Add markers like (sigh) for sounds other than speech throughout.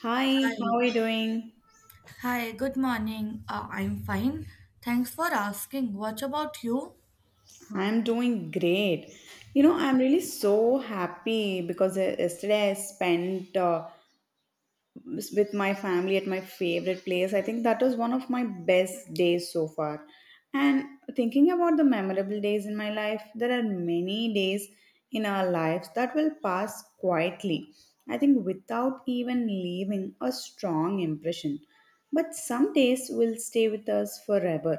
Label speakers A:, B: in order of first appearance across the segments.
A: Hi,
B: Hi.
A: how are you doing?
B: Hi, good morning. I'm fine. Thanks for asking. What about you?
A: I'm doing great. You know, I'm really so happy because yesterday I spent with my family at my favorite place. I think that was one of my best days so far. And thinking about the memorable days in my life, there are many days in our lives that will pass quietly, I think, without even leaving a strong impression. But some days will stay with us forever,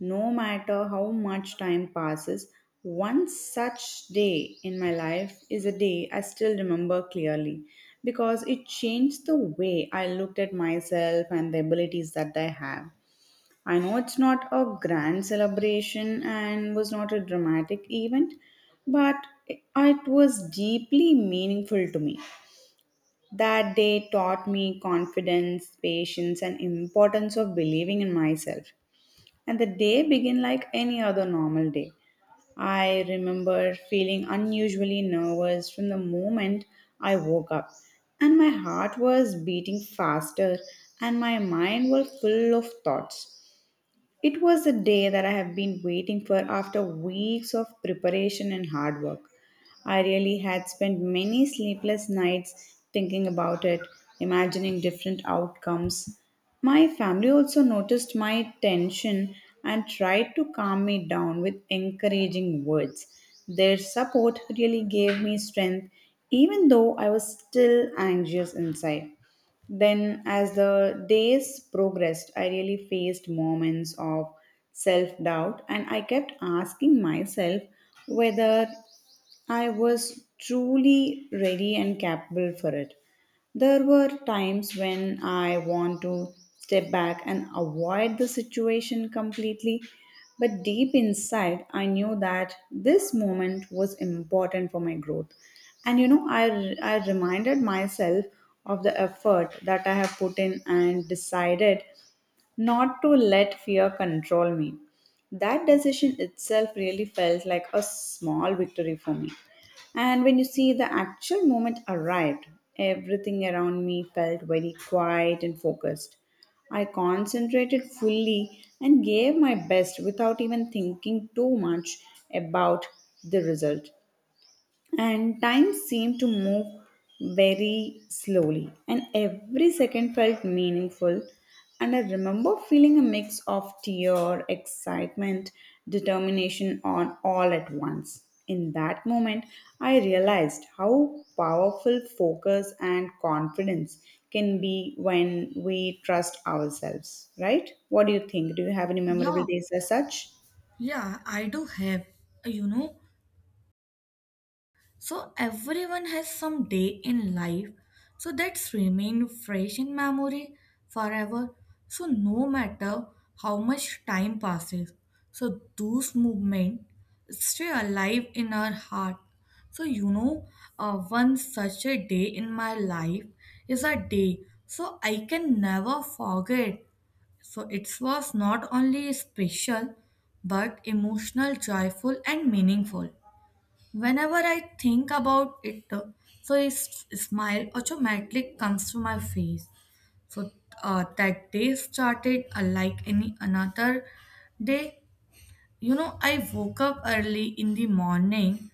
A: no matter how much time passes. One such day in my life is a day I still remember clearly, because it changed the way I looked at myself and the abilities that I have. I know it's not a grand celebration and was not a dramatic event, but it was deeply meaningful to me. That day taught me confidence, patience, and importance of believing in myself, and the day began like any other normal day. I remember feeling unusually nervous from the moment I woke up, and my heart was beating faster and my mind was full of thoughts. It was a day that I have been waiting for after weeks of preparation and hard work. I really had spent many sleepless nights thinking about it, imagining different outcomes. My family also noticed my tension and tried to calm me down with encouraging words. Their support really gave me strength, even though I was still anxious inside. Then, as the days progressed, I really faced moments of self doubt, and I kept asking myself whether I was truly ready and capable for it. There were times when I want to step back and avoid the situation completely, but deep inside, I knew that this moment was important for my growth. And you know, I reminded myself of the effort that I have put in and decided not to let fear control me. That decision itself really felt like a small victory for me. And when you see the actual moment arrived, everything around me felt very quiet and focused. I concentrated fully and gave my best without even thinking too much about the result. And time seemed to move very slowly, and every second felt meaningful. And I remember feeling a mix of tear, excitement, determination on all at once. In that moment I realized how powerful focus and confidence can be when we trust ourselves, right? What do you think? Do you have any
B: Yeah,
A: memorable days as such?
B: yeah, I do have. You know, so everyone has some day in life so that's remain fresh in memory forever. So no matter how much time passes, so those movement stay alive in our heart. So one such a day in my life is a day so I can never forget. So it was not only special but emotional, joyful and meaningful. Whenever I think about it, so a smile automatically comes to my face. So that day started like any another day. You know, I woke up early in the morning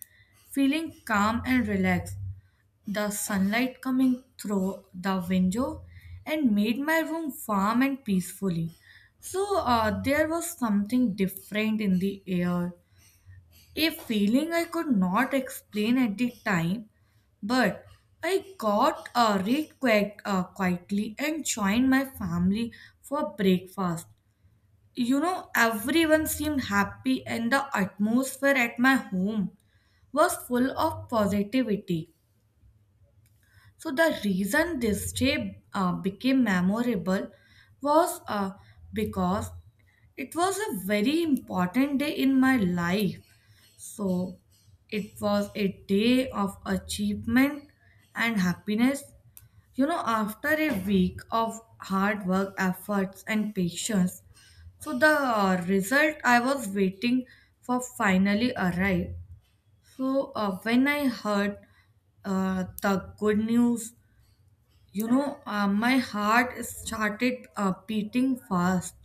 B: feeling calm and relaxed. The sunlight coming through the window and made my room warm and peacefully. So there was something different in the air. A feeling I could not explain at the time, but I got read quite quietly and joined my family for breakfast. You know, everyone seemed happy, and the atmosphere at my home was full of positivity. So, the reason this day became memorable was because it was a very important day in my life. So it was a day of achievement and happiness. You know, after a week of hard work, efforts, and patience, so the result I was waiting for finally arrived. So when I heard the good news, my heart started beating fast,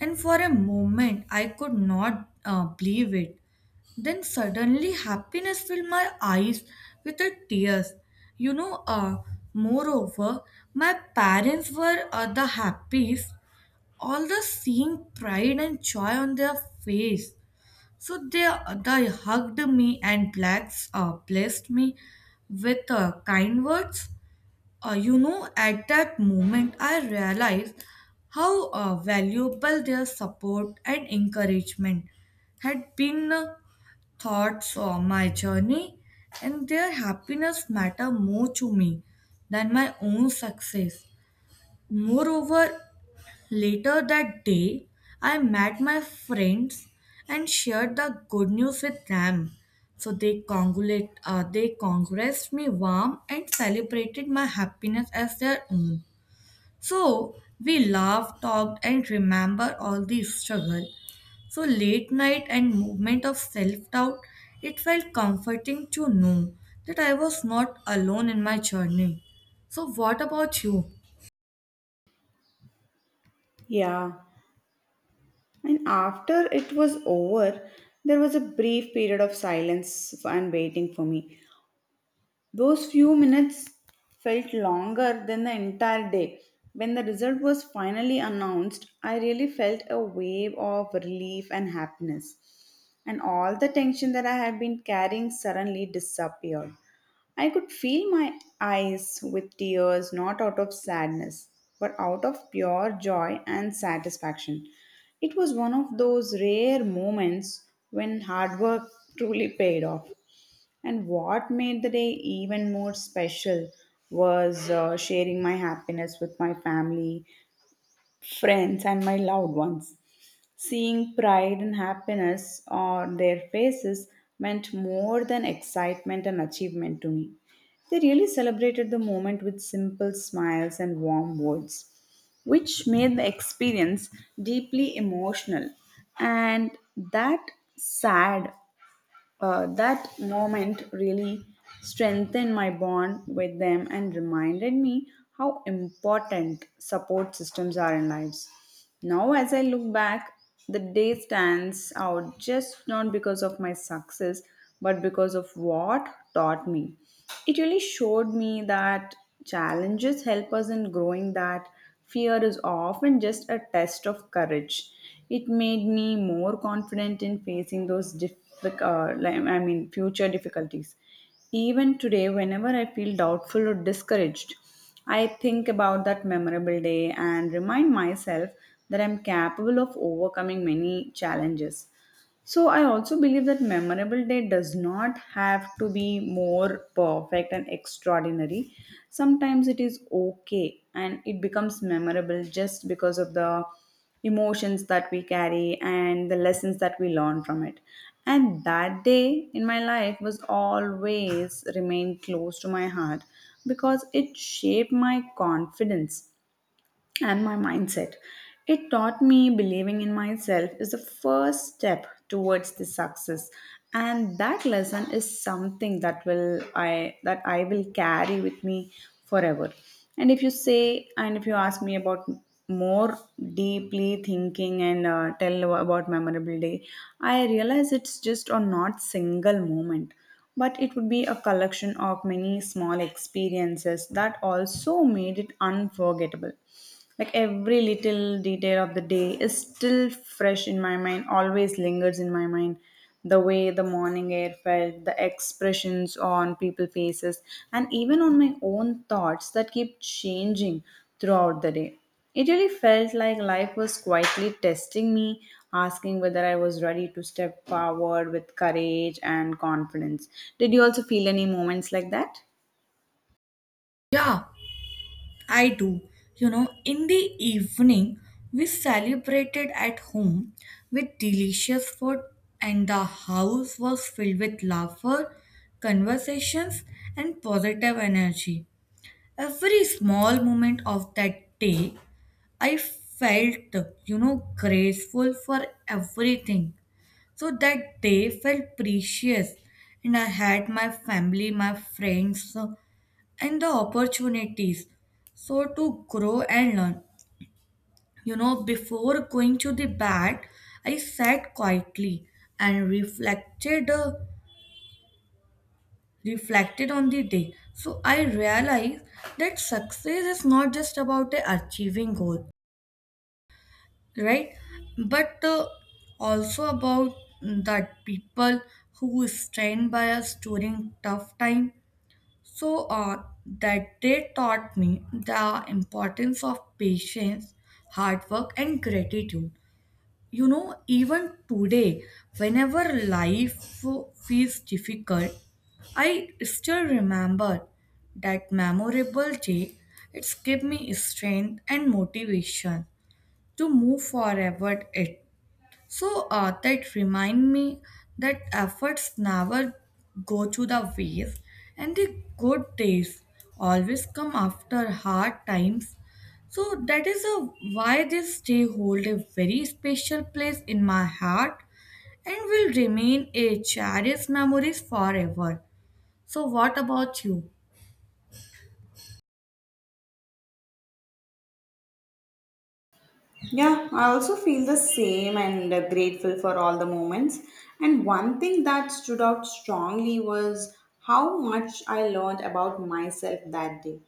B: and for a moment I could not believe it. Then suddenly happiness filled my eyes with the tears. You know, uh, moreover, my parents were the happiest. All the seeing pride and joy on their face. So they hugged me and blessed me with kind words. At that moment, I realized how valuable their support and encouragement had been thoughts on my journey, and their happiness matter more to me than my own success. Moreover, later that day, I met my friends and shared the good news with them. So they congratulated me warm and celebrated my happiness as their own. So we laughed, talked, and remember all the struggle so late night and movement of self-doubt, it felt comforting to know that I was not alone in my journey. So what about you?
A: Yeah. And after it was over, there was a brief period of silence and waiting for me. Those few minutes felt longer than the entire day. When the result was finally announced, I really felt a wave of relief and happiness, and all the tension that I had been carrying suddenly disappeared. I could feel my eyes with tears, not out of sadness, but out of pure joy and satisfaction. It was one of those rare moments when hard work truly paid off. And what made the day even more special was sharing my happiness with my family, friends, and my loved ones. Seeing pride and happiness on their faces meant more than excitement and achievement to me. They really celebrated the moment with simple smiles and warm words, which made the experience deeply emotional. And that sad that moment really strengthened my bond with them and reminded me how important support systems are in lives. Now, as I look back, the day stands out just not because of my success, but because of what taught me. It really showed me that challenges help us in growing, that fear is often just a test of courage. It made me more confident in facing those difficult, future difficulties. Even today, whenever I feel doubtful or discouraged, I think about that memorable day and remind myself that I'm capable of overcoming many challenges. So I also believe that memorable day does not have to be more perfect and extraordinary. Sometimes it is okay, and it becomes memorable just because of the emotions that we carry and the lessons that we learn from it. And that day in my life was always remained close to my heart because it shaped my confidence and my mindset. It taught me believing in myself is the first step towards the success, and that lesson is something that will I that I will carry with me forever. And if you say and if you ask me about more deeply thinking and tell about memorable day, I realize it's just on not single moment, but it would be a collection of many small experiences that also made it unforgettable. Like every little detail of the day is still fresh in my mind, always lingers in my mind. The way the morning air felt, the expressions on people's faces, and even on my own thoughts that keep changing throughout the day. It really felt like life was quietly testing me, asking whether I was ready to step forward with courage and confidence. Did you also feel any moments like that?
B: Yeah, I do. You know, in the evening, we celebrated at home with delicious food, and the house was filled with laughter, conversations, and positive energy. Every small moment of that day I felt, you know, grateful for everything. So that day felt precious, and I had my family, my friends, and the opportunities. So to grow and learn, you know, before going to the bed, I sat quietly and reflected on the day. So I realized that success is not just about achieving goal. Right? But also about that people who stand by us during tough time. So that they taught me the importance of patience, hard work, and gratitude. You know, even today, whenever life feels difficult, I still remember that memorable day. It's give me strength and motivation to move forward. It so that remind me that efforts never go to the waste, and the good days always come after hard times. So that is a, why this day hold a very special place in my heart and will remain a cherished memories forever. So what about you?
A: Yeah, I also feel the same and grateful for all the moments. And one thing that stood out strongly was how much I learned about myself that day.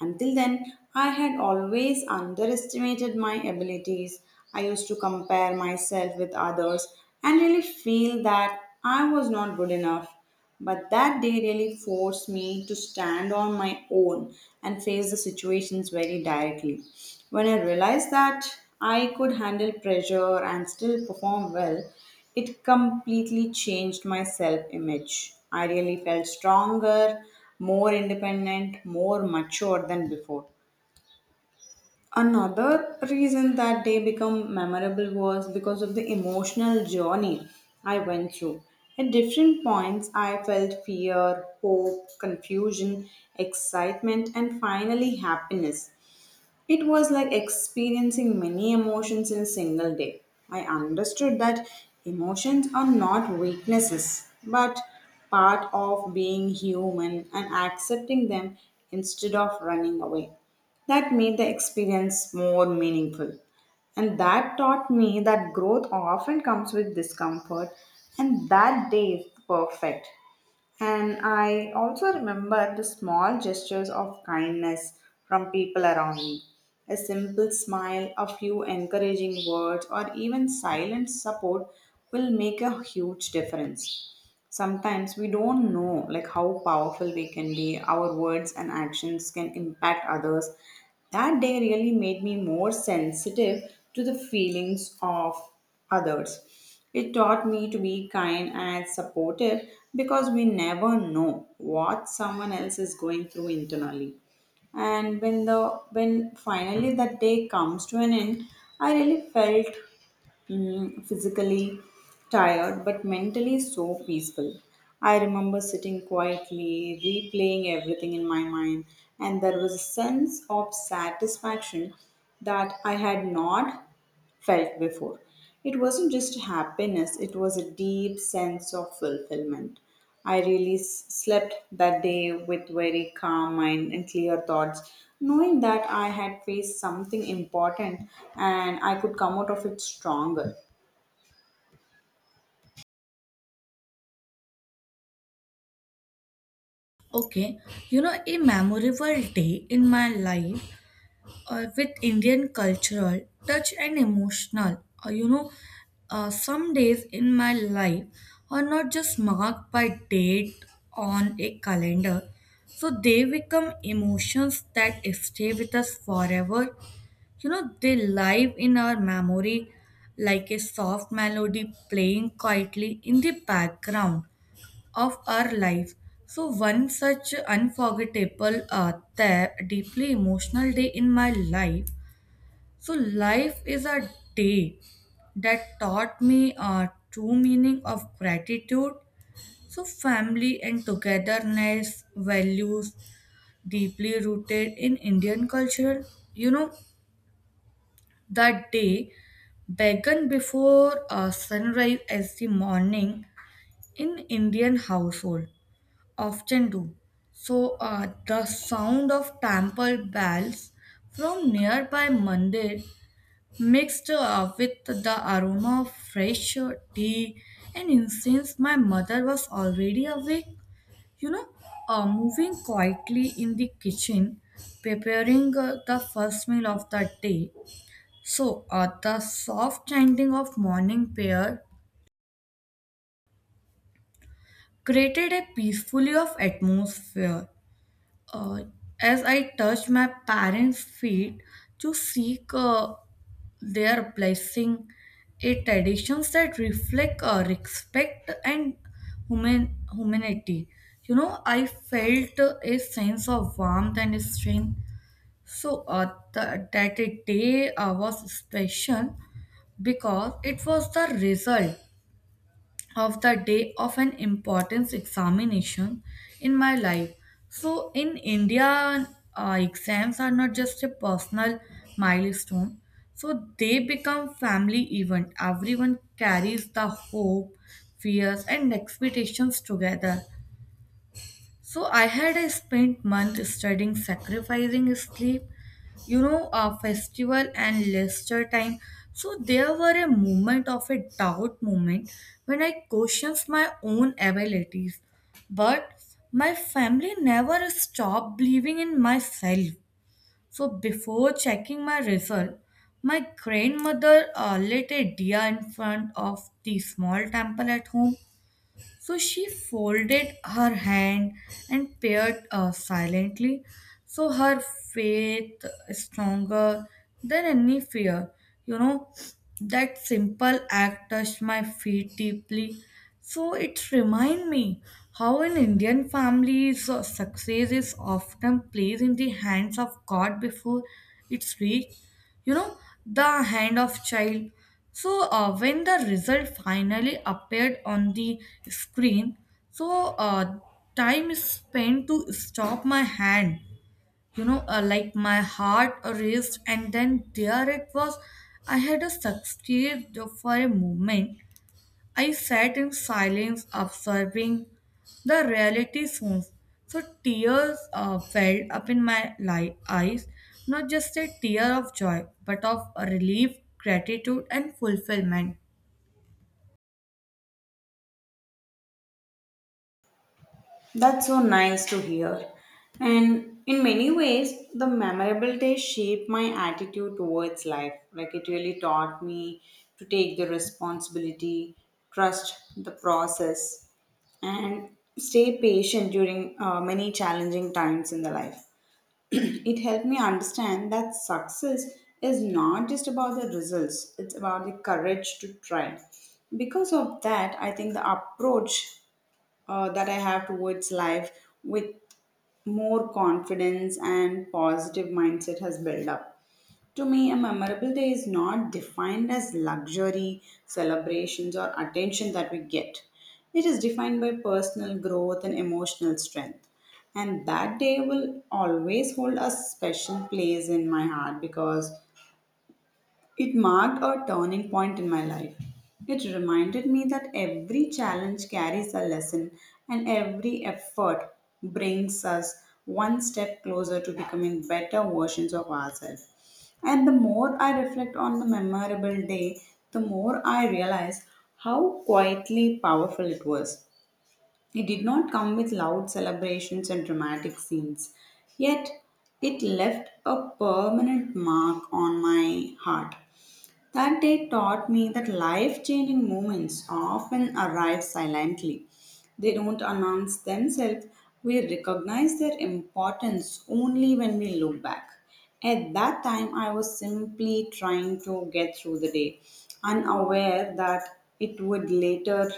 A: Until then, I had always underestimated my abilities. I used to compare myself with others and really feel that I was not good enough. But that day really forced me to stand on my own and face the situations very directly. When I realized that I could handle pressure and still perform well, it completely changed my self image. I really felt stronger, more independent, more mature than before. Another reason that day become memorable was because of the emotional journey I went through. At different points, I felt fear, hope, confusion, excitement, and finally happiness. It was like experiencing many emotions in a single day. I understood that emotions are not weaknesses, but part of being human and accepting them instead of running away. That made the experience more meaningful. And that taught me that growth often comes with discomfort, and that day is perfect. And I also remember the small gestures of kindness from people around me. A simple smile, a few encouraging words, or even silent support will make a huge difference. Sometimes we don't know like how powerful we can be. Our words and actions can impact others. That day really made me more sensitive to the feelings of others. It taught me to be kind and supportive, because we never know what someone else is going through internally. And when finally that day comes to an end, I really felt physically tired but mentally so peaceful. I remember sitting quietly, replaying everything in my mind, and there was a sense of satisfaction that I had not felt before. It wasn't just happiness, it was a deep sense of fulfillment. I really slept that day with very calm mind and clear thoughts, knowing that I had faced something important and I could come out of it stronger.
B: Okay, you know, a memorable day in my life or with Indian cultural touch and emotional. Uh, you know, some days in my life are not just marked by date on a calendar, so they become emotions that stay with us forever. You know, they live in our memory like a soft melody playing quietly in the background of our life. So, one such unforgettable, deeply emotional day in my life so life is a day that taught me a true meaning of gratitude. So family and togetherness values deeply rooted in Indian culture. You know, that day began before sunrise as the morning in Indian household often do. So the sound of temple bells from nearby mandir mixed with the aroma of fresh tea and incense, my mother was already awake, you know, moving quietly in the kitchen, preparing the first meal of the day. So, the soft chanting of morning prayer created a peaceful of atmosphere uh, as I touched my parents' feet to seek their blessing, a traditions that reflect respect and humanity. You know, I felt a sense of warmth and strength. So that day was special because it was the result of the day of an importance examination in my life. So in India, exams are not just a personal milestone. So they become family event. Everyone carries the hope, fears, and expectations together. So I had a spent month studying, sacrificing sleep, you know, a festival and leisure time. So there were a moment of a doubt moment when I questioned my own abilities, but my family never stopped believing in myself. So before checking my result, my grandmother lit a diya in front of the small temple at home so she folded her hand and peered silently. So her faith is stronger than any fear. You know, that simple act touched my feet deeply. So it reminds me how in Indian families success is often placed in the hands of God before it's reached, you know, the hand of child. So when the result finally appeared on the screen, so uh, time is spent to stop my hand, like my heart raced and then there it was, I had a succeed. For a moment I sat in silence, observing the reality scenes. So tears welled up in my eyes, not just a tear of joy, but of relief, gratitude, and fulfillment.
A: That's so nice to hear. And in many ways, the memorable days shaped my attitude towards life. Like it really taught me to take the responsibility, trust the process, and stay patient during many challenging times in the life. (clears throat) It helped me understand that success is not just about the results, it's about the courage to try. Because of that, I think the approach that I have towards life with more confidence and positive mindset has built up. To me, a memorable day is not defined as luxury, celebrations, or attention that we get. It is defined by personal growth and emotional strength. And that day will always hold a special place in my heart because it marked a turning point in my life. It reminded me that every challenge carries a lesson and every effort brings us one step closer to becoming better versions of ourselves. And the more I reflect on the memorable day, the more I realize how quietly powerful it was. It did not come with loud celebrations and dramatic scenes, yet, it left a permanent mark on my heart. That day taught me that life changing moments often arrive silently. They don't announce themselves. We recognize their importance only when we look back. At that time, I was simply trying to get through the day, unaware that it would later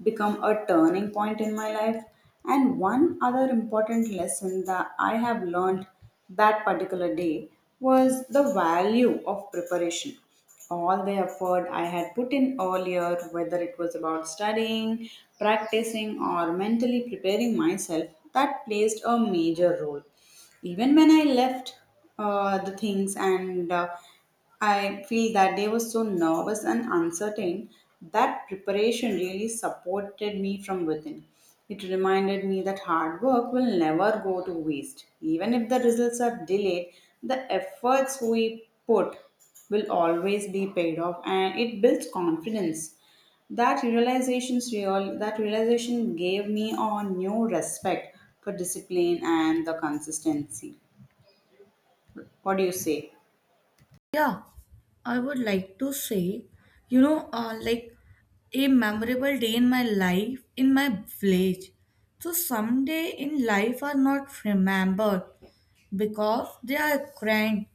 A: become a turning point in my life. And one other important lesson that I have learned that particular day was the value of preparation. All the effort I had put in earlier, whether it was about studying, practicing, or mentally preparing myself, that placed a major role. Even when I left the things, and I feel that day was so nervous and uncertain, that preparation really supported me from within. It reminded me that hard work will never go to waste. Even if the results are delayed, the efforts we put will always be paid off, and it builds confidence. That realization gave me a new respect for discipline and the consistency. What do you say?
B: Yeah, I would like to say, like a memorable day in my life in my village. So some day in life are not remembered, because they are grand,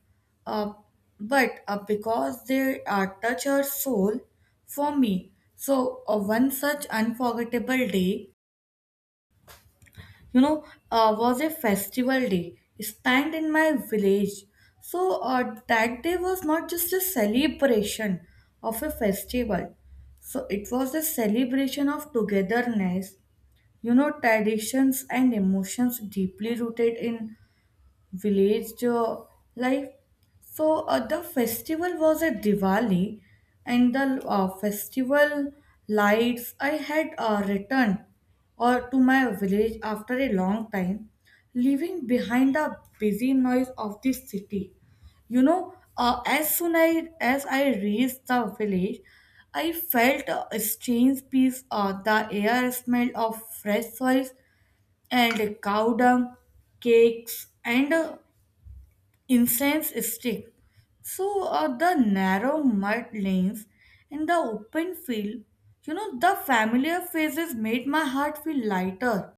B: uh, but because they touch our soul for me. So, one such unforgettable day, you know, was a festival day spent in my village. So, that day was not just a celebration of a festival, so it was a celebration of togetherness, you know, traditions and emotions deeply rooted in village life. So the festival was at Diwali, and the festival lights. I had returned or to my village after a long time, leaving behind the busy noise of the city. As soon I as I reached the village, I felt a strange peace. The air smelled of fresh soil and cow dung, cakes, and incense stick. So the narrow mud lanes in the open field, you know, the familiar faces made my heart feel lighter.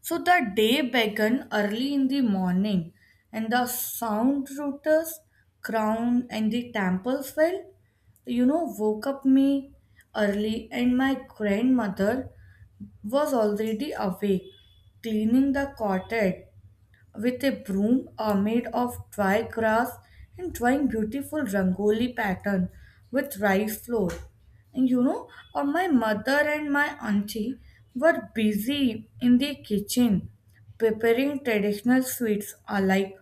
B: So the day began early in the morning, and the sound rooters, crown, and the temples fell, you know, woke up me early, and my grandmother was already awake, cleaning the cottage with a broom made of dry grass and drawing beautiful rangoli pattern with rice flour. And my mother and my auntie were busy in the kitchen preparing traditional sweets uh, like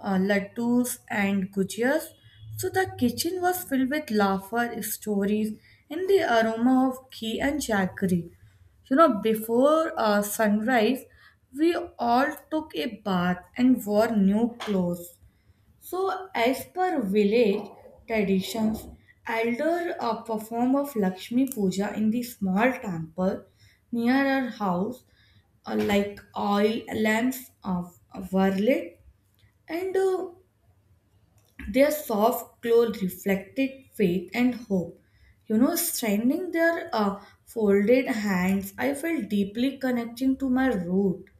B: uh, laddus and gujias. So the kitchen was filled with laughter, stories, and the aroma of ghee and jaggery. You know, before sunrise, we all took a bath and wore new clothes. So, as per village traditions, elder perform of Lakshmi Puja in the small temple near our house, like oil lamps of were lit, and their soft glow reflected faith and hope. You know, straining their folded hands, I felt deeply connecting to my root.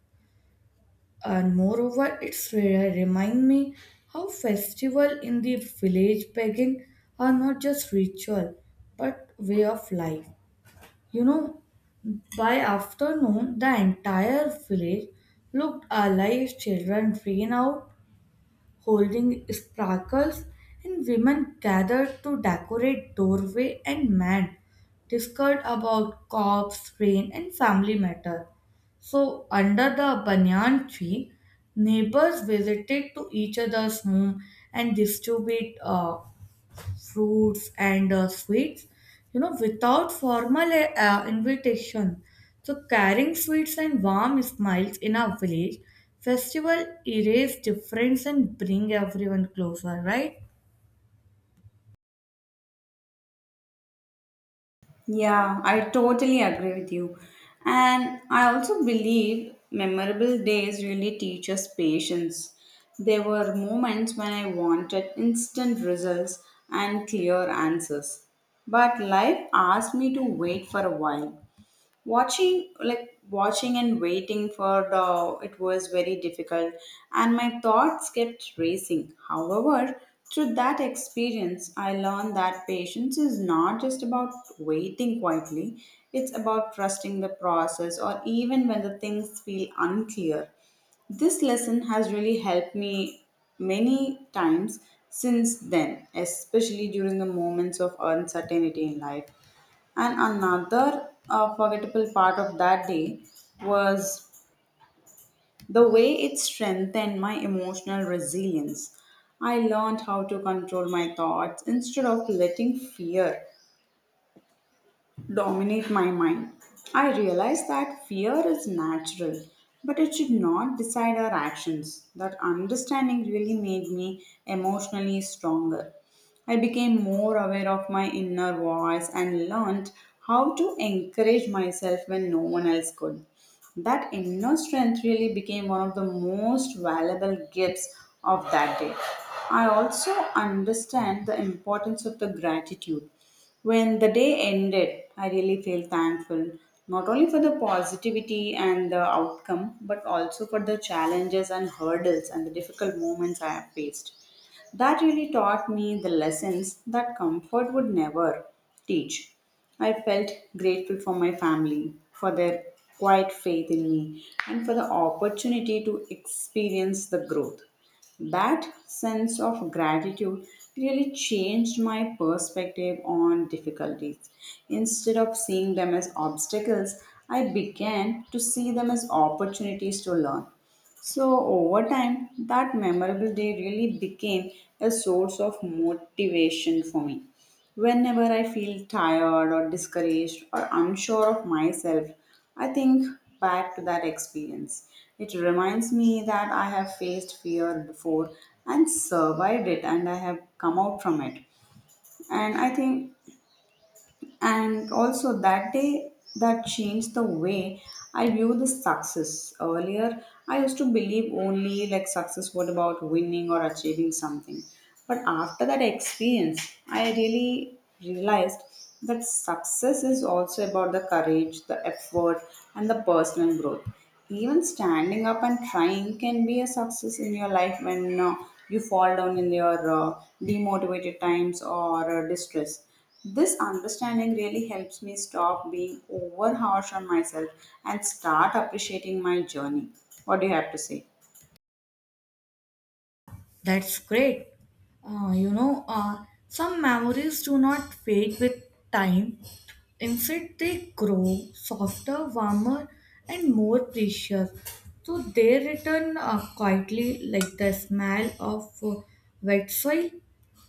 B: And moreover, it's remind me how festival in the village pagan are not just ritual, but way of life. You know, by afternoon, the entire village looked alive. Children ran out holding sparkles, and women gathered to decorate doorway and men discussed about crops, rain, and family matter. So under the banyan tree, neighbors visited to each other's home and distributed fruits and sweets, you know, without formal invitation, so carrying sweets and warm smiles in our village festival erase difference and bring everyone closer, right?
A: Yeah, I totally agree with you. And I also believe memorable days really teach us patience. There were moments when I wanted instant results and clear answers, but life asked me to wait for a while. Watching and waiting for the it was very difficult, and my thoughts kept racing. However, through that experience I learned that patience is not just about waiting quietly, it's about trusting the process or even when the things feel unclear. This lesson has really helped me many times since then, especially during the moments of uncertainty in life. And another forgettable part of that day was the way it strengthened my emotional resilience. I learned how to control my thoughts instead of letting fear dominate my mind. I realize that fear is natural, but it should not decide our actions. That understanding really made me emotionally stronger. I became more aware of my inner voice and learned how to encourage myself when no one else could. That inner strength really became one of the most valuable gifts of that day. I also understand the importance of the gratitude. When the day ended, I really felt thankful not only for the positivity and the outcome, but also for the challenges and hurdles and the difficult moments I have faced. That really taught me the lessons that comfort would never teach. I felt grateful for my family, for their quiet faith in me, and for the opportunity to experience the growth. That sense of gratitude really changed my perspective on difficulties. Instead of seeing them as obstacles, I began to see them as opportunities to learn. So, over time, that memorable day really became a source of motivation for me. Whenever I feel tired or discouraged or unsure of myself, I think back to that experience. It reminds me that I have faced fear before and survived it, and I have come out from it. And I think and also, that day that changed the way I view the success. Earlier, I used to believe only like success was about winning or achieving something. But after that experience, I really realized that success is also about the courage, the effort, and the personal growth. Even standing up and trying can be a success in your life when you fall down in your demotivated times or distress. This understanding really helps me stop being over harsh on myself and start appreciating my journey. What do you have to say?
B: That's great. Some memories do not fade with time. Instead, they grow softer, warmer, and more precious. So they return quietly like the smell of wet soil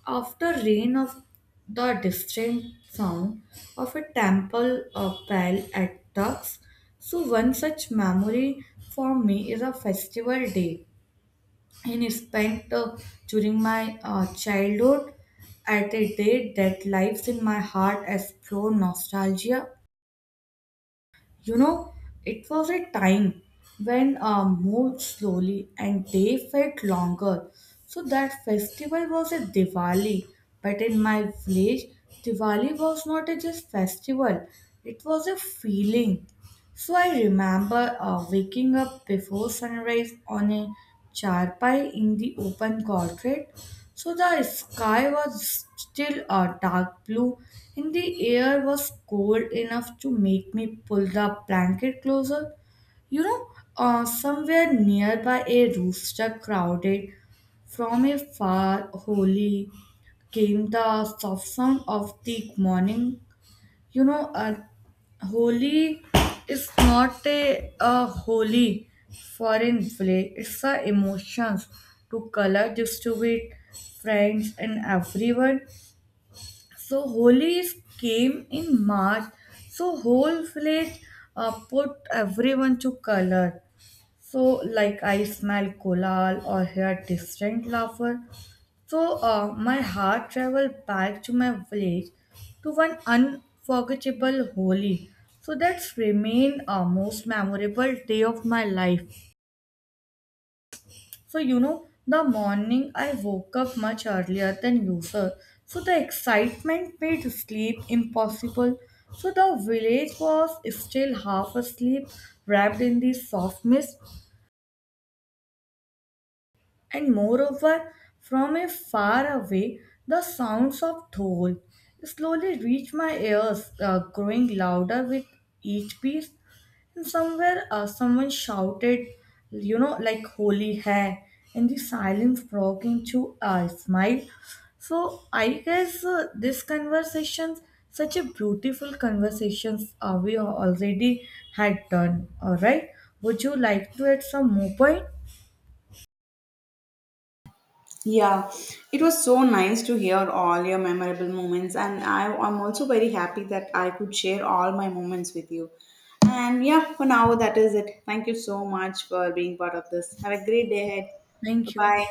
B: after rain of the distant sound of a temple bell at dusk. So one such memory for me is a festival day and it spent during my childhood at a date that lives in my heart as pure nostalgia. You know, it was a time when moved slowly and day felt longer. So that festival was a Diwali, but in my village, Diwali was not a just festival; it was a feeling. So I remember waking up before sunrise on a charpai in the open courtyard. So the sky was still dark blue and the air was cold enough to make me pull the blanket closer. You know, somewhere nearby a rooster crowded, from a far holy came the soft sound of the morning. you know uh, holi is not a holy foreign play, it's a emotions to color distribute friends and everyone. So holi is came in march, so whole village put everyone to color. So like I smell kolal or hear distant laughter, so my heart traveled back to my village to one unforgettable Holi. So that's remained a most memorable day of my life. So you know, the morning I woke up much earlier than usual. So the excitement made sleep impossible. So the village was still half asleep, wrapped in the soft mist. And moreover, from a far away, the sounds of dhol slowly reached my ears, growing louder with each piece. And somewhere, someone shouted, you know, like "Holy hai," and the silence broke into a smile. So I guess this conversation, such a beautiful conversations, we already had done. All right. Would you like to add some more point?
A: Yeah, it was so nice to hear all your memorable moments, and I'm also very happy that I could share all my moments with you. And yeah, for now, that is it. Thank you so much for being part of this. Have a great day ahead. Bye
B: Thank you.
A: bye.